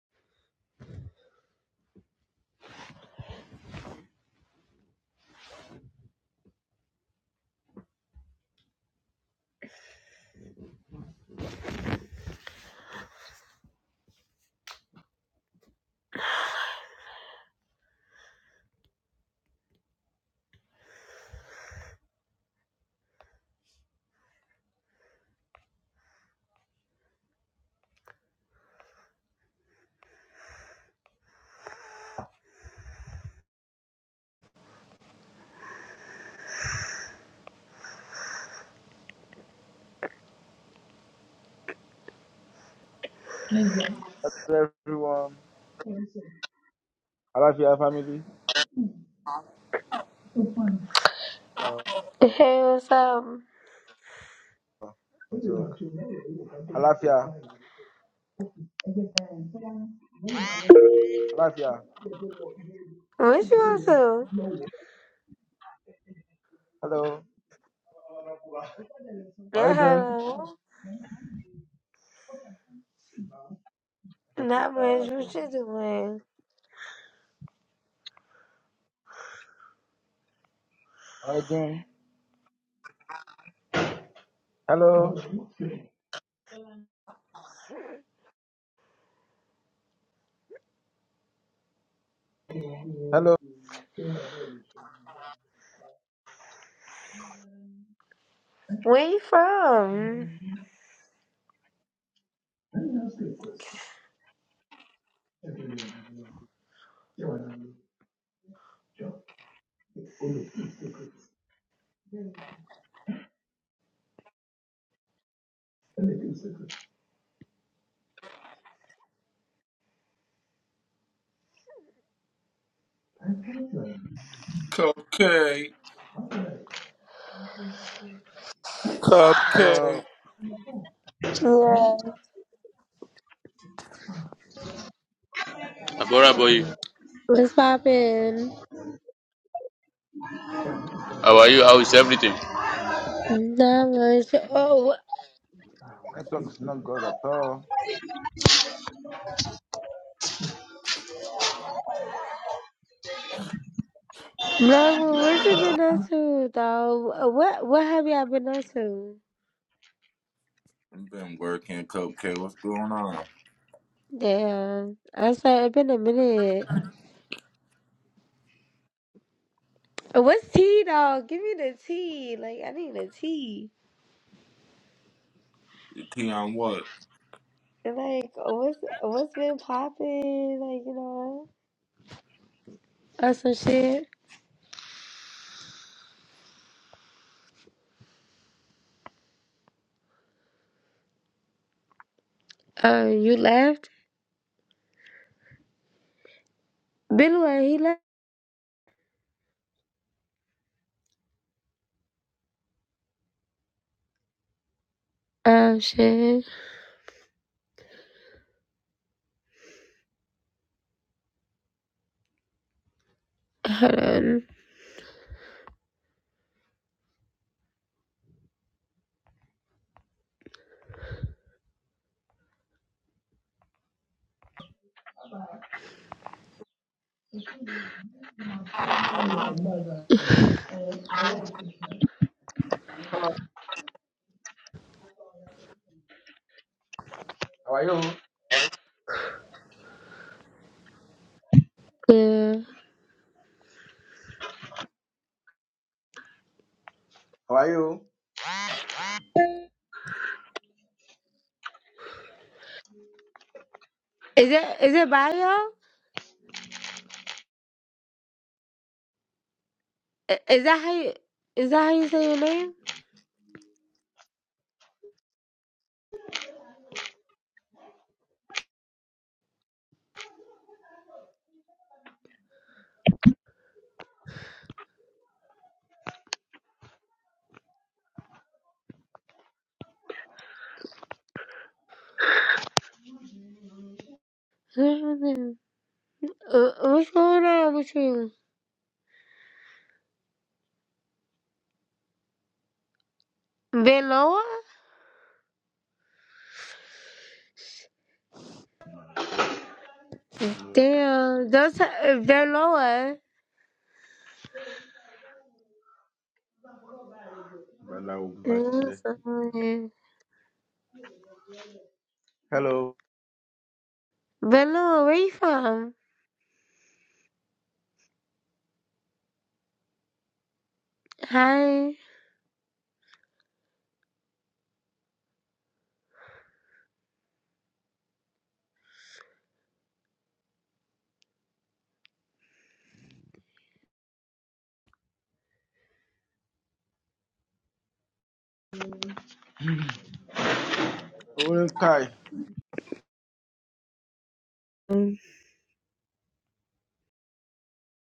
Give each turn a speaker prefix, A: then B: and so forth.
A: Hi, dear. Hello everyone. Alafia family. So fun. Uh, uh,
B: Hey, what's up?
A: so, Alafia. Alafia.
B: What you up to?
A: Hello. How are
B: Yeah,
A: you doing?
B: hello.
A: Okay,
B: Not much. What you doing?
A: How are you doing? Hello. Hello.
B: Where you from?
C: Cupcake. Cupcake.
A: Hello.
B: Yeah.
D: Abora boy,
B: What's poppin'?
D: how are you? How is everything?
B: Not much. Oh,
A: Network is not good at all.
B: wh- not much. What you been up to, though? What What have y'all been up to?
C: Been working, Cupcake. What's going on?
B: Damn. I said it's been a minute. What's tea, dog? Give me the tea. Like I need the tea.
C: You tea on what?
B: Like what's What's been poppin'? Like you know, or some shit. Uh, you left? Been where he left? Oh shit. Hold on.
A: How are you?
B: Yeah.
A: How are you?
B: Is that is it bio? I- Is that how you is that how you say your name? Uh, What's going on with you? Been lower? Damn, those if they're lower.
A: Well,
B: Been
A: Hello.
B: lower, where you from? Hi.
A: Kai.